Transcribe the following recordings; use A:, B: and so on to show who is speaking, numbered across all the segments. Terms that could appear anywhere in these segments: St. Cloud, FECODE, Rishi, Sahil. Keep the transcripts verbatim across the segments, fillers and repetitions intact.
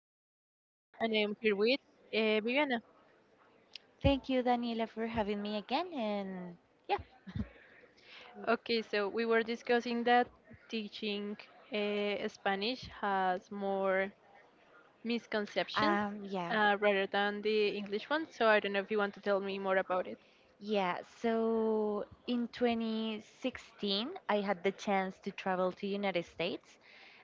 A: I'm Daniela, and I am here with uh, Viviana.
B: Thank you, Daniela, for having me again. And yeah.
A: Okay, so we were discussing that teaching uh, Spanish has more misconceptions
B: Um, yeah.
A: uh, rather than the English one. So I don't know if you want to tell me more about it.
B: Yeah, so in twenty sixteen, I had the chance to travel to United States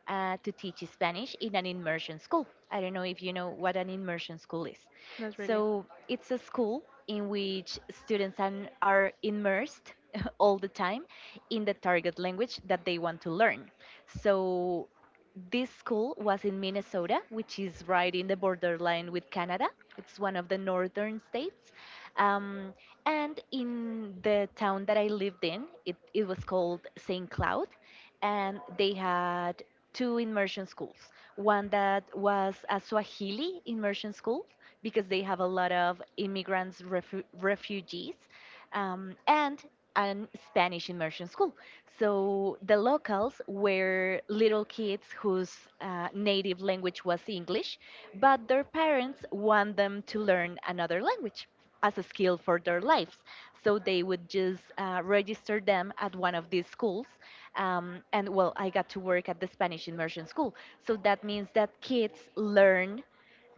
B: uh, to teach Spanish in an immersion school. I don't know if you know what an immersion school is.
A: Not really.
B: So it's a school in which students an- are immersed all the time in the target language that they want to learn. So this school was in Minnesota, which is right in the borderline with Canada. It's one of the northern states. Um, and in the town that I lived in, it, it was called Saint Cloud, and they had two immersion schools. One that was a Swahili immersion school because they have a lot of immigrants, refu- refugees um, and an Spanish immersion school. So the locals were little kids whose uh, native language was English, but their parents want them to learn another language as a skill for their lives. So they would just uh, register them at one of these schools. Um, and well, I got to work at the Spanish immersion school. So that means that kids learn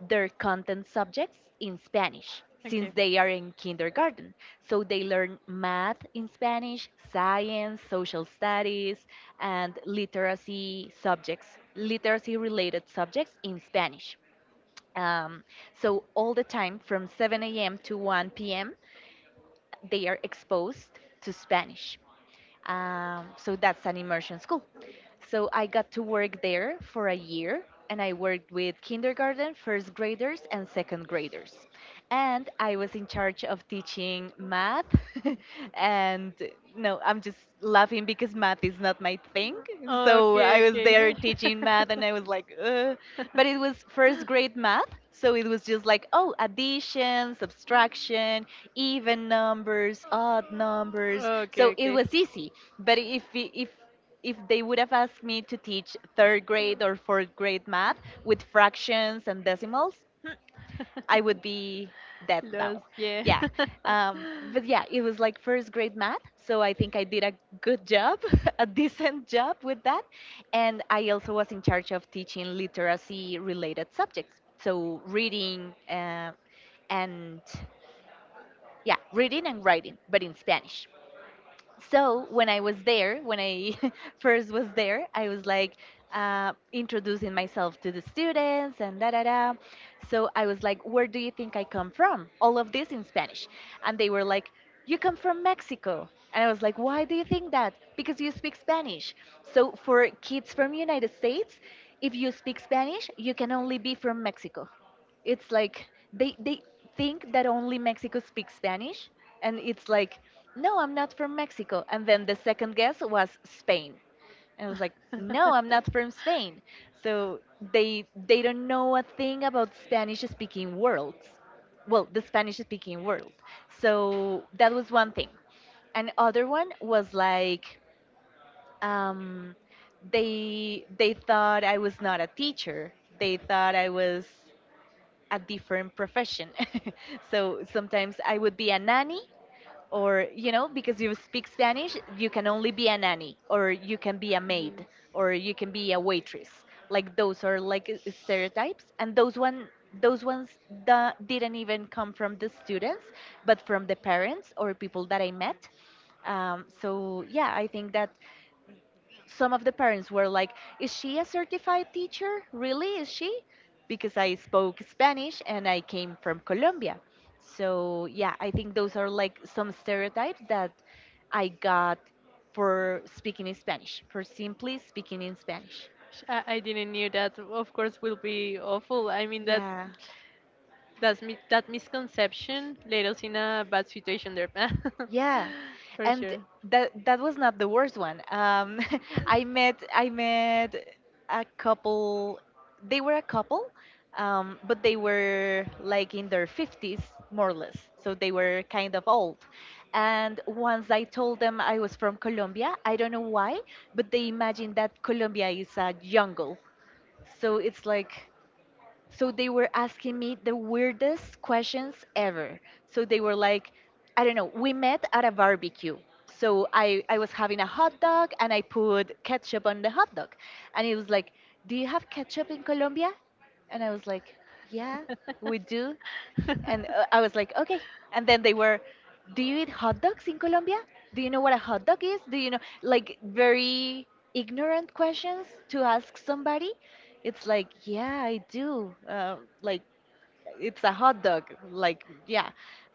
B: their content subjects in Spanish since they are in kindergarten. So they learn math in Spanish, science, social studies, and literacy subjects, literacy related subjects in Spanish. Um, so all the time from seven a m to one p m, they are exposed to Spanish. Um, so that's an immersion school. So I got to work there for a year and I worked with kindergarten, first graders, and second graders. And I was in charge of teaching math. and no, I'm just laughing because math is not my thing. So I was there teaching math and I was like, ugh. But it was first grade math. So it was just like, oh, addition, subtraction, even numbers, odd numbers.
A: Okay,
B: So it
A: okay.
B: was easy. But if I- if if they would have asked me to teach third grade or fourth grade math with fractions and decimals, I would be dead
A: Lost,
B: now.
A: yeah.
B: Yeah. Um, but yeah, it was like first grade math. So I think I did a good job, a decent job with that. And I also was in charge of teaching literacy related subjects. So reading uh, and yeah, reading and writing, but in Spanish. So when I was there, when I first was there, I was like uh, introducing myself to the students and da da da. So I was like, "Where do you think I come from?" All of this in Spanish, and they were like, "You come from Mexico." And I was like, "Why do you think that?" Because you speak Spanish. So for kids from United States, if you speak Spanish, you can only be from Mexico. It's like they they think that only Mexico speaks Spanish, and it's like, no, I'm not from Mexico. And then the second guess was Spain, and I was like, no, I'm not from Spain. So they they don't know a thing about Spanish speaking worlds, well, the Spanish speaking world. So that was one thing. And other one was like, um, they they thought I was not a teacher. They thought I was a different profession. So sometimes I would be a nanny, or, you know, because you speak Spanish, you can only be a nanny, or you can be a maid, or you can be a waitress. Like those are like uh, stereotypes, and those one those ones da- didn't even come from the students, but from the parents or people that I met. Um, so yeah, I think that some of the parents were like, is she a certified teacher? Really? Is she? Because I spoke Spanish and I came from Colombia. So, yeah, I think those are like some stereotypes that I got for speaking in Spanish, for simply speaking in Spanish.
A: Sh- I I didn't knew that. Of course, will be awful. I mean that
B: Yeah.
A: that's mi- that misconception led us in a bad situation there,
B: Yeah,
A: for
B: and
A: sure.
B: that that was not the worst one. Um, I met I met a couple. They were a couple, um, but they were like in their fifties, more or less. So they were kind of old. And once I told them I was from Colombia, I don't know why, but they imagined that Colombia is a jungle. So it's like so they were asking me the weirdest questions ever. So they were like, I don't know, we met at a barbecue. So I, I was having a hot dog and I put ketchup on the hot dog. And it was like, do you have ketchup in Colombia? And I was like, yeah, we do. And uh, I was like, okay. And then they were, do you eat hot dogs in Colombia? Do you know what a hot dog is? Do you know, like, very ignorant questions to ask somebody? It's like, yeah, I do. Uh, like, it's a hot dog. Like, yeah.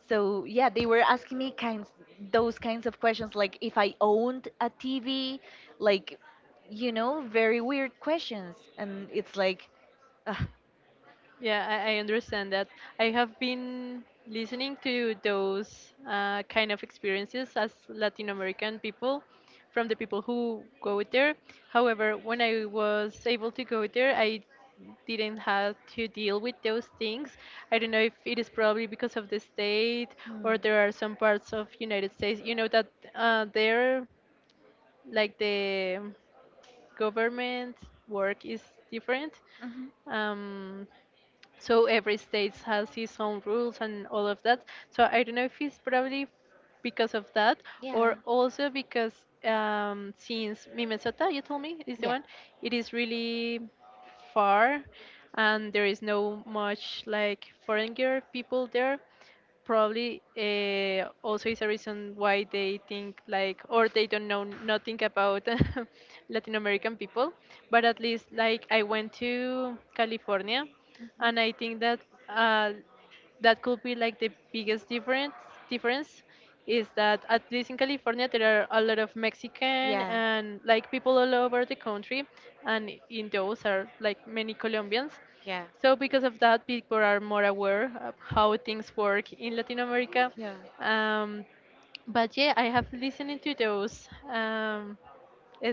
B: So, yeah, they were asking me kinds, those kinds of questions, like if I owned a T V, like, you know, very weird questions. And it's like, ugh.
A: Yeah, I, I understand that. I have been listening to those uh, kind of experiences as Latin American people from the people who go there. However, when I was able to go there, I didn't have to deal with those things. I don't know if it is probably because of the state or there are some parts of United States, you know, that uh, there, like the government work is different.
B: Hmm. Mhm.
A: Um, so every state has its own rules and all of that, so I don't know if it's probably because of that, or also
B: Yeah.
A: because um, since Minnesota, you told me, is the one, it is really far, and there is no much like foreigner people there, probably uh, also is a reason why they think like, or they don't know nothing about Latin American people. But at least like I went to California, and I think that uh, that could be like the biggest difference, difference is that at least in California there are a lot of Mexican
B: Yeah.
A: and like people all over the country, and in those are like many Colombians.
B: Yeah.
A: So because of that, people are more aware of how things work in Latin America.
B: Yeah.
A: Um, but yeah, I have listened to those. Um,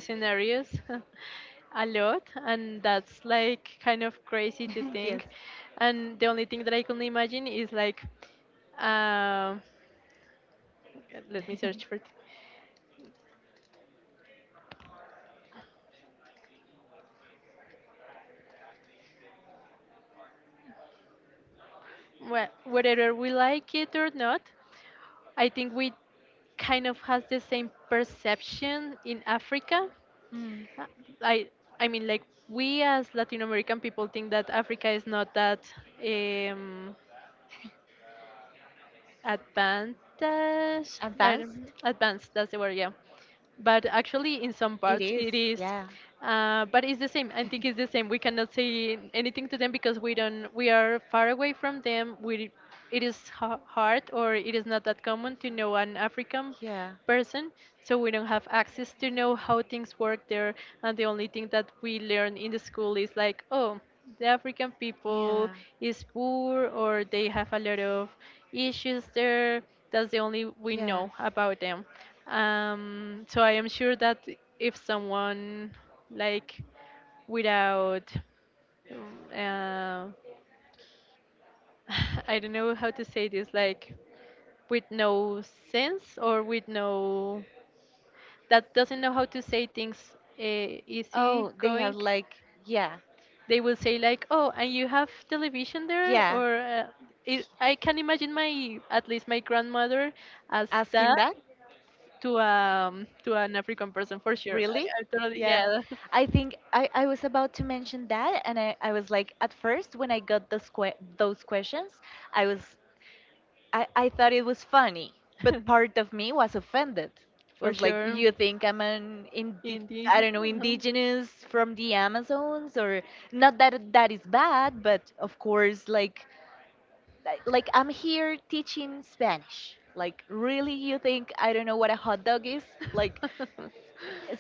A: Scenarios a lot, and that's like kind of crazy to
B: yes.
A: think. And the only thing that I can imagine is like, um let me search for it. Well, whether we like it or not, I think we kind of has the same perception in Africa.
B: Mm.
A: Uh, i i mean like we as Latin American people think that Africa is not that, um advantage. I
B: Advanced?
A: don't- Advanced, that's the word. Yeah, but actually in some
B: It
A: parts
B: is,
A: it is.
B: yeah.
A: Uh, but it's the same. I think it's the same. We cannot say anything to them because we don't we are far away from them. We It is ha- hard, or it is not that common to know an African
B: Yeah.
A: person, so we don't have access to know how things work there. And the only thing that we learn in the school is like, oh, the African people is poor, or they have a lot of issues there. That's the only we
B: Yeah. Yeah.
A: know about them. Um, so I am sure that if someone, like, without uh, I don't know how to say this, like, with no sense, or with no, that doesn't know how to say things, uh, easy
B: Oh, they have
A: going,
B: like yeah,
A: they will say like, oh, and you have television there?
B: yeah.
A: Or uh, it, I can imagine my, at least my grandmother, asked
B: Asking
A: that
B: that?
A: to, um to an African person, for sure.
B: Really?
A: I, I totally,
B: Yeah.
A: yeah.
B: I think I, I was about to mention that and I, I was like at first when I got those que- those questions, I was I, I thought it was funny, but part of me was offended.
A: For
B: Was like,
A: sure.
B: you think I'm an indi-
A: Indeed.
B: I don't know, indigenous from the Amazons or not that that is bad, but of course like like like, I'm here teaching Spanish. Like really, you think I don't know what a hot dog is? Like,
A: Uh-huh.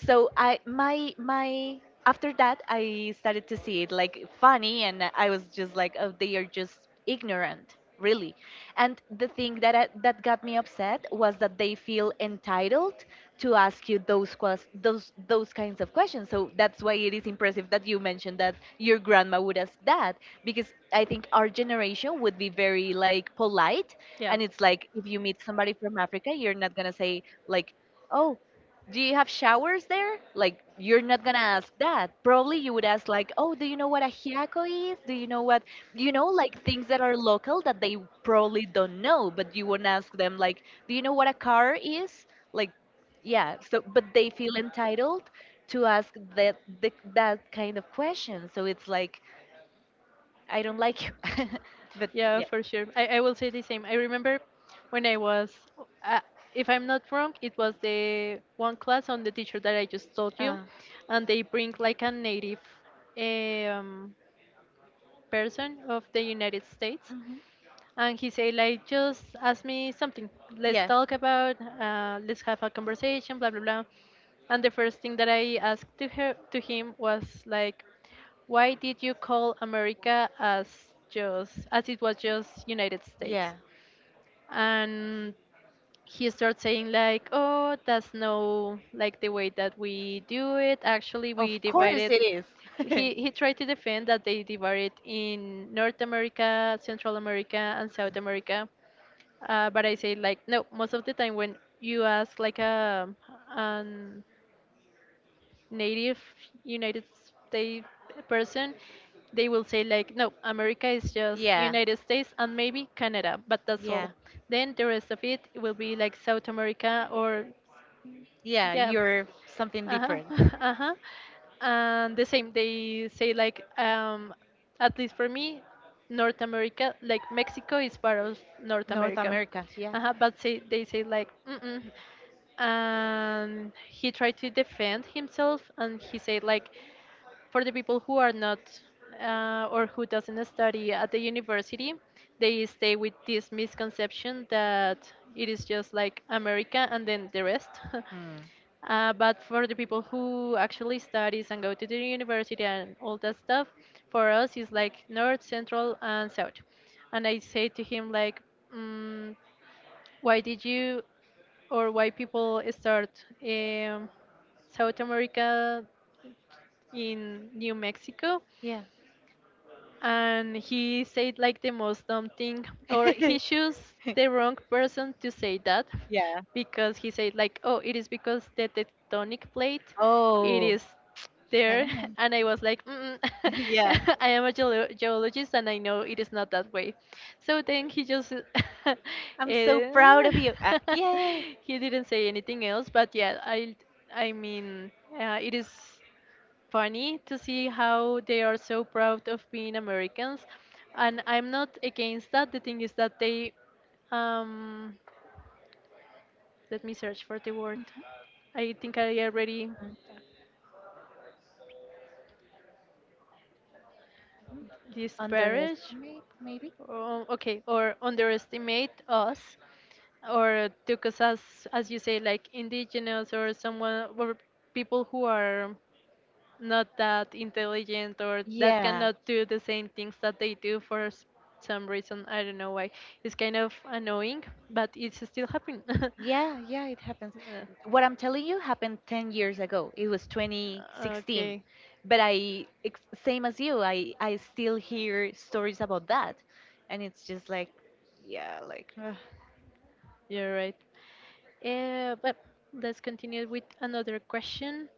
B: so I my my after that, I started to see it like funny and I was just like, oh, they are just ignorant really. And the thing that I, that got me upset was that they feel entitled to ask you those ques- those those kinds of questions. So that's why it is impressive that you mentioned that your grandma would ask that, because I think our generation would be very like polite,
A: yeah.
B: and it's like if you meet somebody from Africa, you're not going to say, like, oh, do you have showers there? Like, you're not gonna ask that. Probably you would ask, like, oh, do you know what a hiaco is? Do you know what, you know, like things that are local that they probably don't know, but you wouldn't ask them, like, do you know what a car is? Like, yeah, so, but they feel entitled to ask that, the, that kind of question. So it's like, I don't like you. But
A: Yeah,
B: yeah.
A: for sure. I, I will say the same. I remember when I was, uh, if I'm not wrong, it was the one class on the teacher that I just told you,
B: Uh,
A: and they bring like a native, um, person of the United States,
B: mhm.
A: and he say like, just ask me something. Let's
B: Yeah.
A: talk about, uh, let's have a conversation, blah blah blah. And the first thing that I asked to her to him was like, why did you call America as just, as it was just United
B: Yeah.
A: States? And he starts saying like, oh, that's no like the way that we do it. Actually, we
B: Of course
A: divided,
B: it is.
A: he he tried to defend that they divided in North America, Central America, and South America. Uh, but I say like, no, most of the time when you ask like a an native United States person, they will say like, no, America is just
B: yeah.
A: United States and maybe Canada, but that's
B: Yeah.
A: all. Then the rest of it will be like South America, or
B: Yeah,
A: yeah.
B: you're something
A: Uh-huh.
B: different.
A: Uh-huh. And the same, they say like, um at least for me, North America, like Mexico is part of North
B: North
A: America.
B: America, yeah.
A: Uh-huh. But say, they say like, mm-mm. And he tried to defend himself, and he said like, for the people who are not uh, or who doesn't study at the university, they stay with this misconception that it is just like America and then the rest.
B: Hmm.
A: Uh, but for the people who actually studies and go to the university and all that stuff, for us it's like north, central, and south. And I say to him like, mm, why did you or why people start, um, South America in New Mexico?
B: Yeah.
A: And he said like the most dumb thing, or he chose the wrong person to say that,
B: Yeah.
A: because he said like, oh, it is because the tectonic plate it
B: Oh.
A: is
B: I
A: there.
B: don't know.
A: And I was like, mm.
B: Yeah.
A: I am a geolo- geologist, and I know it is not that way. So then he just uh,
B: I'm so proud of you. Uh, yay.
A: he didn't say anything else. But yeah, i i mean, uh, it is funny to see how they are so proud of being Americans. And I'm not against that. The thing is that they, um, let me search for the word. I think I already
B: Mhm.
A: disparage,
B: Underestimate, maybe?
A: or, okay, or underestimate us, or took us as, as you say, like indigenous or someone, or people who are not that intelligent, or that
B: Yeah.
A: cannot do the same things that they do for s- some reason. I don't know why. It's kind of annoying, but it's still happening.
B: Yeah, yeah, it happens.
A: Uh,
B: What I'm telling you happened ten years ago. It was twenty sixteen.
A: okay,
B: But I, ex- same as you, I, I still hear stories about that. And it's just like, yeah, like, ugh.
A: you're right. Uh, but let's continue with another question.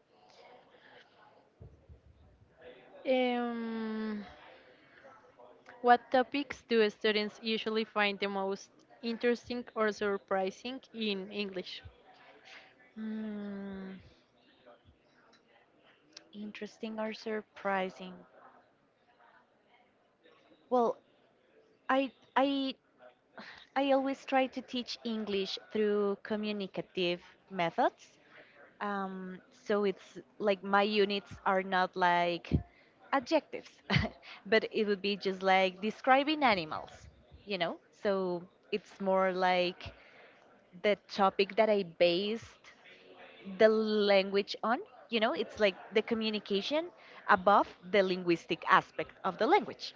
A: Um, what topics do students usually find the most interesting or surprising in English?
B: Hmm, interesting or surprising? Well, I, I, I always try to teach English through communicative methods. Um, so it's like my units are not like adjectives, but it would be just like describing animals, you know? So it's more like the topic that I based the language on, you know. It's like the communication above the linguistic aspect of the language.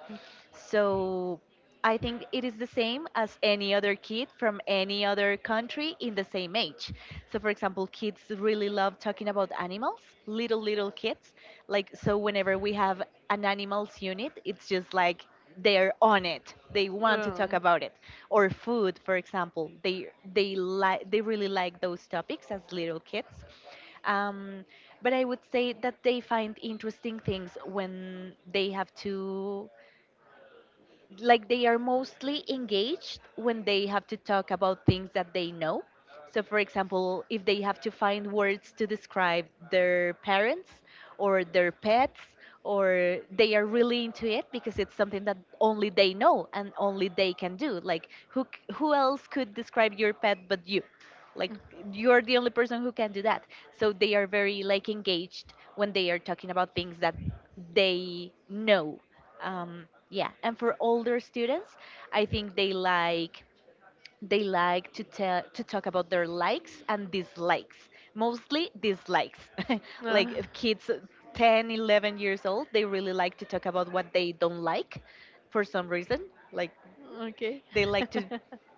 B: So I think it is the same as any other kid from any other country in the same age. So, for example, kids really love talking about animals, little little kids, like. So whenever we have an animals unit, it's just like they're on it, they want to talk about it. Or food, for example, they they like, they really like those topics as little kids. um, but I would say that they find interesting things when they have to, like, they are mostly engaged when they have to talk about things that they know. So, for example, if they have to find words to describe their parents or their pets, or they are really into it because it's something that only they know and only they can do. Like, who, c- who else could describe your pet but you? Like, you're the only person who can do that. So, they are very like engaged when they are talking about things that they know. um, yeah, and for older students, I think they like they like to tell to talk about their likes and dislikes, mostly dislikes. Like,
A: Um,
B: uh, kids ten, eleven years old, they really like to talk about what they don't like, for some reason. Like,
A: uh, okay.
B: they like to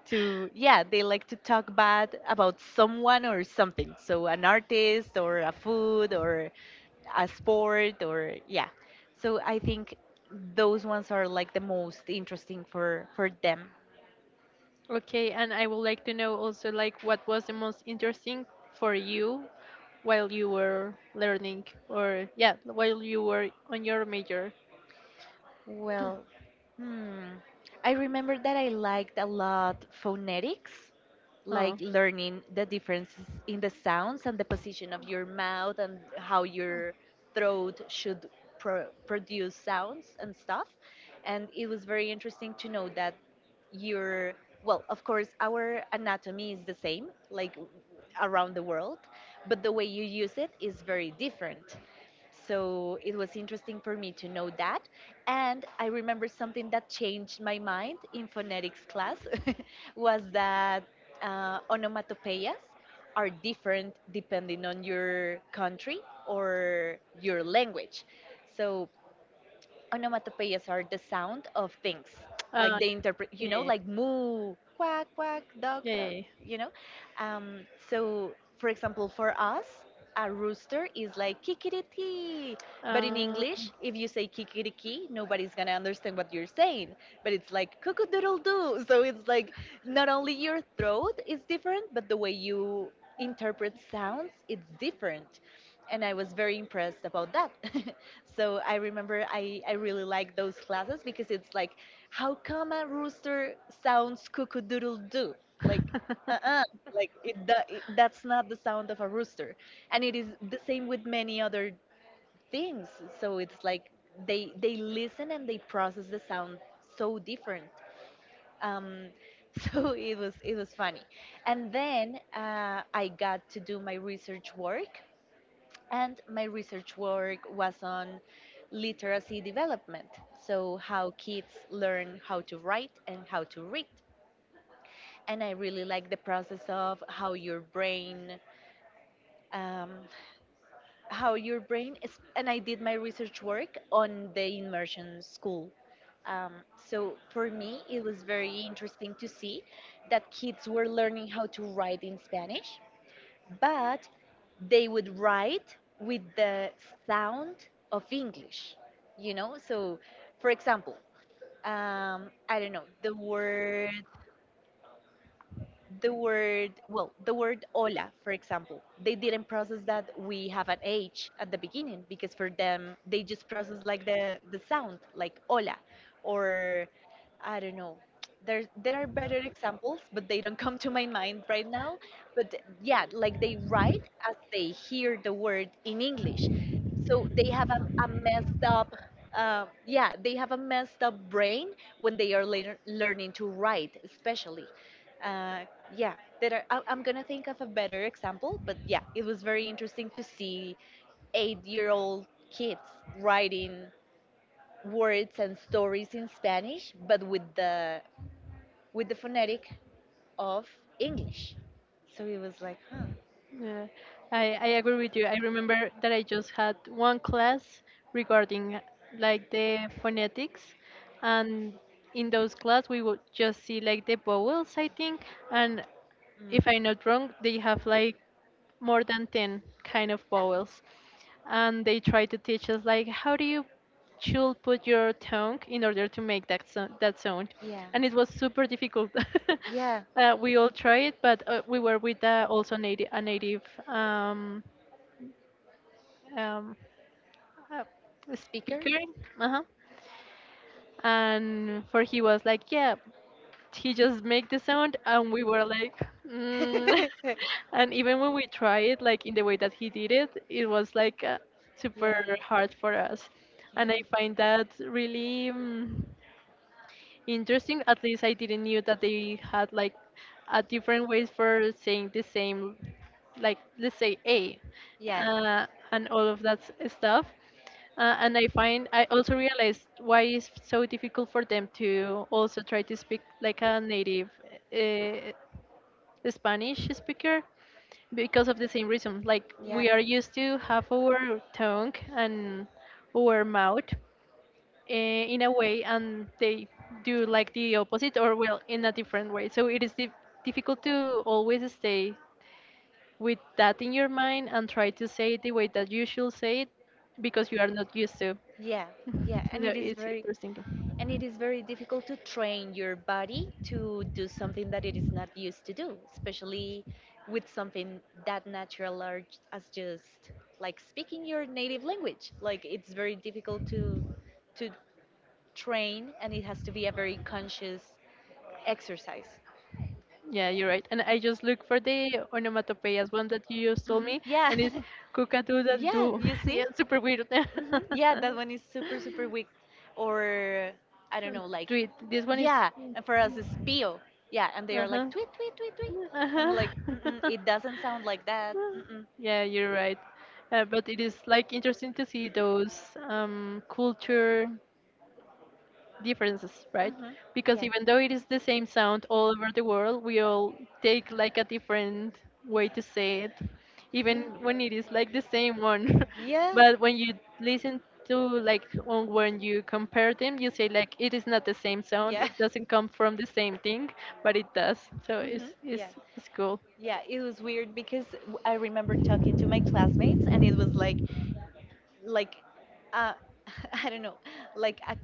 B: to yeah, they like to talk bad about someone or something. So an artist or a food or a sport or yeah. So I think those ones are like the most interesting for for them.
A: Okay, and I would like to know also like, what was the most interesting for you while you were learning, or yeah, while you were on your major.
B: Well, hmm. I remember that I liked a lot phonetics, like
A: Oh.
B: learning the differences in the sounds and the position of your mouth, and how your throat should pro produce sounds and stuff. And it was very interesting to know that your, well, of course, our anatomy is the same, like around the world, but the way you use it is very different. So it was interesting for me to know that. And I remember something that changed my mind in phonetics class was that uh, onomatopoeias are different depending on your country or your language. So onomatopoeias are the sound of things, like
A: Uh,
B: they interpret, you know,
A: yeah.
B: like moo, quack, quack, dog,
A: Yeah.
B: dog,
A: Yeah,
B: you know. Um, so, for example, for us, a rooster is like kikiriki.
A: yeah.
B: But in English,
A: Um,
B: if you say kikiriki, nobody's gonna understand what you're saying. But it's like cuckoo doodle doo. So it's like not only your throat is different, but the way you interpret sounds, it's different. And I was very impressed about that. So I remember I, I really like those classes because it's like, how come a rooster sounds cuckoo doodle doo? Like, uh uh like it, do- it, that's not the sound of a rooster. And it is the same with many other things. So it's like they they listen and they process the sound so different. Um, so it was it was funny. And then uh, I got to do my research work, and my research work was on literacy development, so how kids learn how to write and how to read. And I really like the process of how your brain, um, how your brain is. And I did my research work on the immersion school. Um, so for me, it was very interesting to see that kids were learning how to write in Spanish, but they would write with the sound of English, you know? So, for example, um, I don't know, the word the word well the word hola, for example. They didn't process that we have an H at the beginning, because for them they just process like the the sound, like hola. Or, I don't know, there there are better examples, but they don't come to my mind right now. But yeah, like they write as they hear the word in English, so they have a, a messed up, uh, yeah, they have a messed up brain when they are later learning to write, especially. uh, yeah, better. I, I'm gonna think of a better example, but yeah, it was very interesting to see eight-year-old kids writing words and stories in Spanish, but with the with the phonetic of English. So it was like, huh.
A: yeah, I, I agree with you. I remember that I just had one class regarding like the phonetics, and in those class we would just see like the vowels, I think, and
B: Mm.
A: if I'm not wrong, they have like more than ten kind of vowels. And they try to teach us like, how do you should put your tongue in order to make that so- that sound,
B: Yeah.
A: and
B: Yeah.
A: it was super difficult.
B: Yeah.
A: Uh, we all tried it, but uh, we were with uh, also native a native, um, um, uh,
B: Speaker.
A: speaker, uh-huh. And for he was like, yeah, he just make the sound, and we were like. Mm.
B: Yeah.
A: And even when we try it, like in the way that he did it, it was like, uh, super
B: Yeah.
A: hard for us.
B: Yeah.
A: And I find that really, mm, interesting. At least I didn't knew that they had like a different ways for saying the same, like let's say A,
B: Yeah.
A: uh, and all of that s- stuff. Uh, and I find, I also realized why it's so difficult for them to also try to speak like a native, uh, Spanish speaker, because of the same reason. Like we are used to have our tongue and our mouth uh, in a way, and they do like the opposite, or well, in a different way. So it is dif- difficult to always stay with that in your mind and try to say it the way that you should say it, because you are not used to.
B: Yeah. Yeah. And
A: So
B: it is
A: it's
B: very
A: interesting.
B: and it is very difficult to train your body to do something that it is not used to do, especially with something that natural or j- as just like speaking your native language. Like it's very difficult to to train, and it has to be a very conscious exercise.
A: Yeah,
B: Yeah.
A: you're right. And I just look for the onomatopoeias one that you just told
B: Hmm.
A: me,
B: Yeah.
A: and it's cuckadoo that
B: Yeah,
A: do.
B: you see?
A: Yeah, super weird.
B: Hmm. Yeah, that one is super, super weak. Or, I don't know, like,
A: Tweet. This one is,
B: yeah, and for us it's pio. Yeah, and they are
A: uh-huh.
B: like, tweet, tweet, tweet, tweet. And we're
A: Uh-huh.
B: like, mm-mm, it doesn't sound like that. Mm-mm.
A: Yeah, you're right. Uh, but it is like interesting to see those, um, culture differences, right?
B: Hmm.
A: Because
B: Yeah.
A: even though it is the same sound all over the world, we all take like a different way to say it, even
B: Yeah.
A: when it is like the same one.
B: Yeah.
A: But when you listen to like, on- when you compare them, you say like, it is not the same sound.
B: Yeah.
A: It doesn't come from the same thing, but it does. So it's
B: Hmm.
A: it's
B: Yeah.
A: it's cool.
B: Yeah, it was weird because w- I remember talking to my classmates, and it was like, like, uh, I don't know, like a,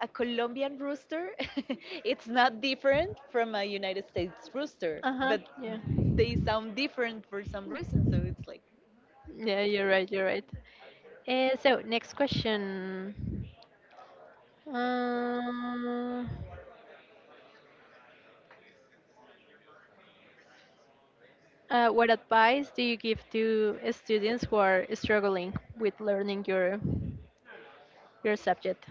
B: a Colombian rooster. It's not different from a United States rooster,
A: Uh huh.
B: but
A: Yeah.
B: they sound different for some reason. So it's like,
A: Yeah. You're right. You're right. Uh, so next question. Um, Uh, what advice do you give to students who are struggling with learning your your subject?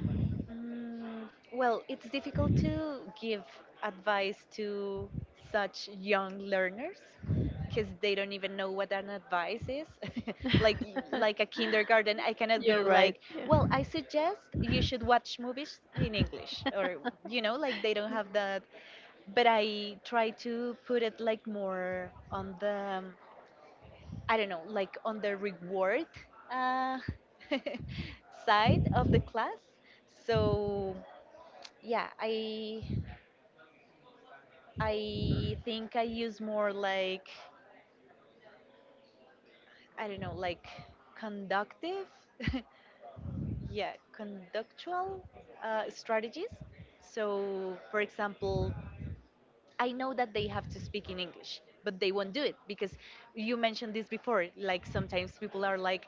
B: Mm, well, it's difficult to give advice to such young learners because they don't even know what an advice is. like like a kindergarten, I cannot go
A: You're right.
B: like,
A: Yeah.
B: well, I suggest you should watch movies in English or, you know, like, they don't have that. But I try to put it like more on the, I don't know, like on the reward, uh, side of the class. So yeah, i i think I use more, like, I don't know, like, conductive, yeah, conductual uh, strategies. So for example, I know that they have to speak in English, but they won't do it because, you mentioned this before, like sometimes people are like,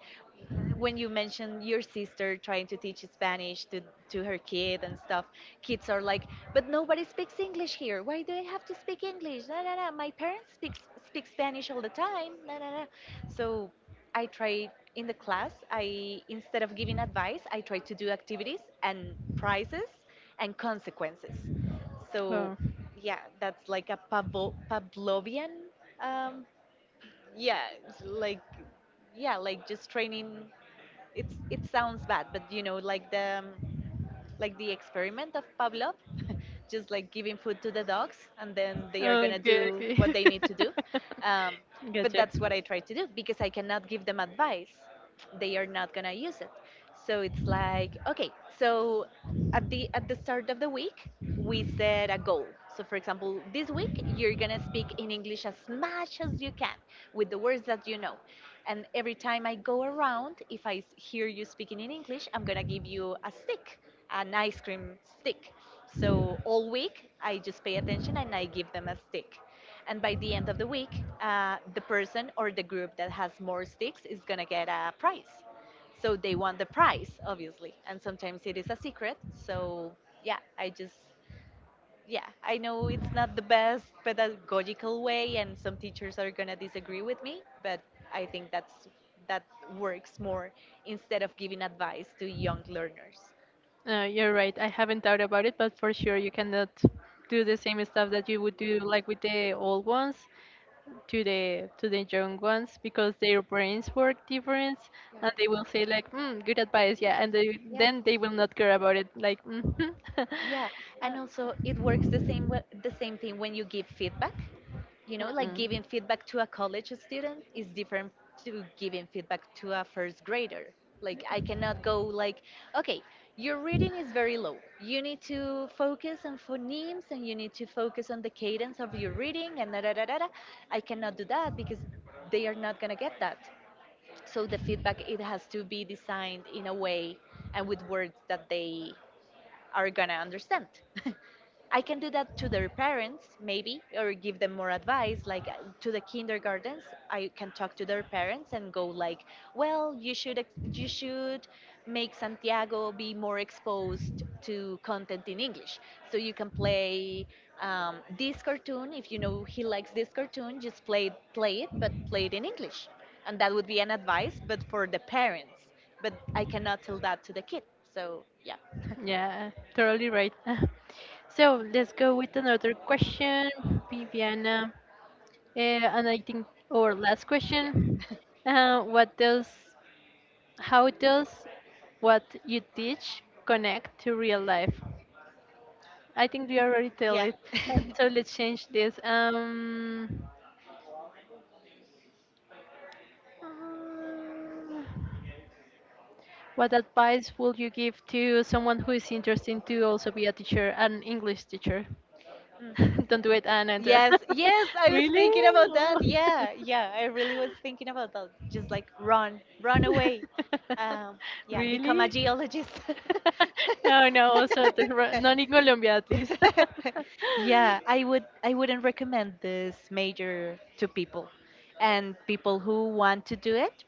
B: when you mentioned your sister trying to teach Spanish to, to her kid and stuff, kids are like, "But nobody speaks English here. Why do I have to speak English? Na, na, na. My parents speak, speak Spanish all the time. Na, na, na." So I try in the class, I, instead of giving advice, I try to do activities and prizes and consequences. So
A: Wow.
B: yeah, that's like a Pavlo- Pavlovian, um, yeah, it's like, yeah, like just training. It's it sounds bad, but you know like the um, like the experiment of Pavlov, just like giving food to the dogs, and then they are gonna
A: Okay,
B: do what
A: okay.
B: they need to do. um, but
A: Gotcha.
B: that's what I try to do because I cannot give them advice. They are not gonna use it. So it's like, okay, so at the at the start of the week, we set a goal. So for example, this week you're gonna speak in English as much as you can with the words that you know. And every time I go around, if I s- hear you speaking in English, I'm gonna give you a stick, an ice cream stick. So all week I just pay attention and I give them a stick, and by the end of the week uh, the person or the group that has more sticks is going to get a prize. So they want the prize, obviously, and sometimes it is a secret. So yeah, I just, yeah, I know it's not the best pedagogical way, and some teachers are going to disagree with me, but I think that's that works more instead of giving advice to young learners.
A: Uh, you're right. I haven't thought about it, but for sure you cannot do the same stuff that you would do like with the old ones to the to the young ones, because their brains work different, and they will say like, mm, good advice, yeah. And they,
B: Yeah.
A: then they
B: Yeah.
A: will not care about it, like, mhm.
B: Yeah, and also it works the same way, the same thing when you give feedback. You
A: Uh,
B: know, like
A: mm.
B: giving feedback to a college student is different to giving feedback to a first grader. Like I cannot go like, "Okay, your reading is very low. You need to focus on phonemes, and you need to focus on the cadence of your reading, and da da da da, da." I cannot do that because they are not gonna get that, so the feedback, it has to be designed in a way and with words that they are gonna understand. I can do that to their parents, maybe, or give them more advice. Like, uh, to the kindergartens, I can talk to their parents and go like, "Well, you should ex- you should make Santiago be more exposed to content in English. So you can play, um, this cartoon, if you know he likes this cartoon. Just play play it, but play it in English," and that would be an advice, but for the parents. But I cannot tell that to the kid. So yeah.
A: Yeah, totally right. So let's go with another question, Viviana. Uh, and I think our last
B: Yeah.
A: question. Uh, what does How does what you teach connect to real life? I think you already tell
B: Yeah.
A: it. Uh, So let's change this. Um, uh, what advice would you give to someone who is interested to also be a teacher, an English teacher?
B: Mm.
A: Don't do it and enter.
B: Yes, yes, I was
A: Really?
B: thinking about
A: Oh.
B: that. Yeah, yeah, I really was thinking about that. Just like, run, run away. Um, yeah, become a
A: Really?
B: geologist.
A: No, no, also the ro- not in Colombia at least.
B: Yeah, I would I wouldn't recommend this major to people. And people who want to do it,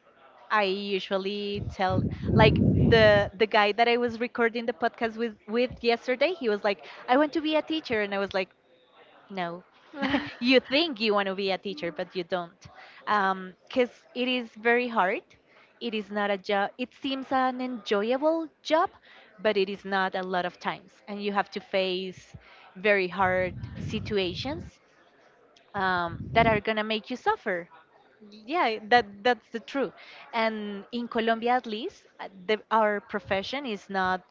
B: I usually tell, like, the the guy that I was recording the podcast with with yesterday, he was like, "I want to be a teacher." And I was like, no. You think you want to be a teacher, but you don't. Because it is very hard. It is not a job. It seems an enjoyable job, but it is not a lot of times. And you have to face very hard situations um, that are going to make you suffer. Yeah, that that's the truth. And in Colombia, at least, uh, the, our profession is not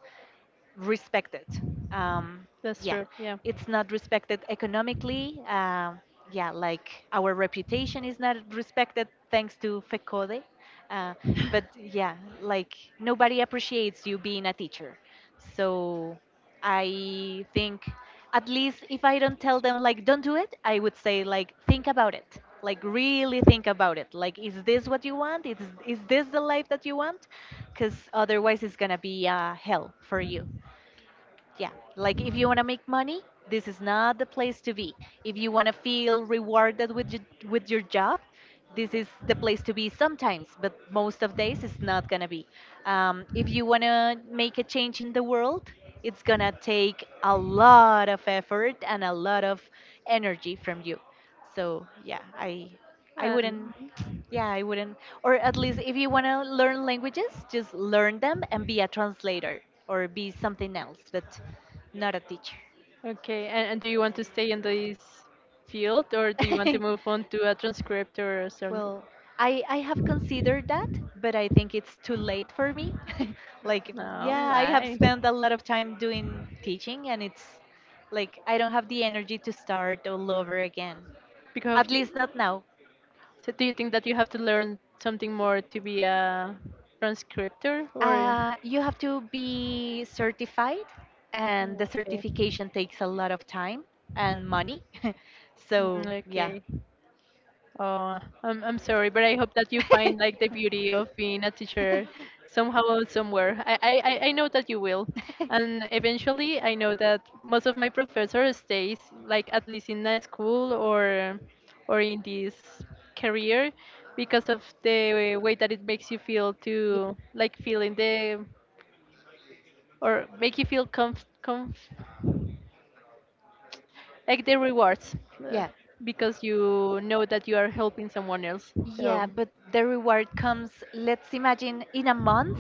B: respected. Um,
A: That's
B: yeah,
A: true. Yeah.
B: it's not respected economically. Uh, yeah, like, our reputation is not respected thanks to FECODE. Uh, but yeah, like, nobody appreciates you being a teacher. So I think, at least if I don't tell them like don't do it, I would say like, think about it. Like, really think about it. Like, is this what you want? Is is this the life that you want? Cuz otherwise it's going to be uh, hell for you. Yeah, like, if you want to make money, this is not the place to be. If you want to feel rewarded with your, with your, job, this is the place to be sometimes, but most of days it's not gonna be. Um, if you want to make a change in the world, it's gonna take a lot of effort and a lot of energy from you. So yeah, I I
A: And
B: wouldn't yeah, I wouldn't. Or at least, if you want to learn languages, just learn them and be a translator or be something else. But not a teacher.
A: okay, and, and do you want to stay in this field, or do you want to move on to a transcript or something?
B: Well, I I have considered that, but I think it's too late for me. Like,
A: No,
B: yeah, I have
A: why?
B: spent a lot of time doing teaching, and it's like, I don't have the energy to start all over again.
A: Because
B: At
A: you,
B: least not now.
A: so do you think that you have to learn something more to be a transcriptor, or
B: Uh, you have to be certified, and
A: mm,
B: the
A: okay.
B: certification takes a lot of time and money.
A: Mm,
B: So, yeah.
A: okay. Oh, I'm I'm sorry, but I hope that you find like the beauty of being a teacher somehow or somewhere. I, I, I I know that you will. And eventually I know that most of my professors stays like at least in a school, or or in this career, because of the way that it makes you feel, to like feeling the, or make you feel comf, comf like the rewards, uh,
B: Yeah.
A: because you know that you are helping someone else.
B: Yeah,
A: So,
B: but the reward comes, let's imagine, in a month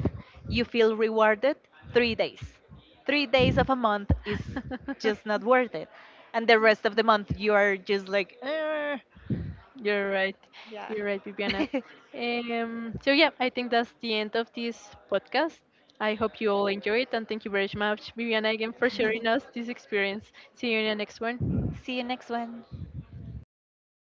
B: you feel rewarded three days. Three days of a month is just not worth it. And the rest of the month you are just like, "Eh."
A: you're right.
B: Yeah.
A: You're right, Viviana. Um, so yeah, I think that's the end of this podcast. I hope you all enjoy it, and thank you very much, Viviana, again, for sharing us this experience. See you in the next one.
B: See you next one.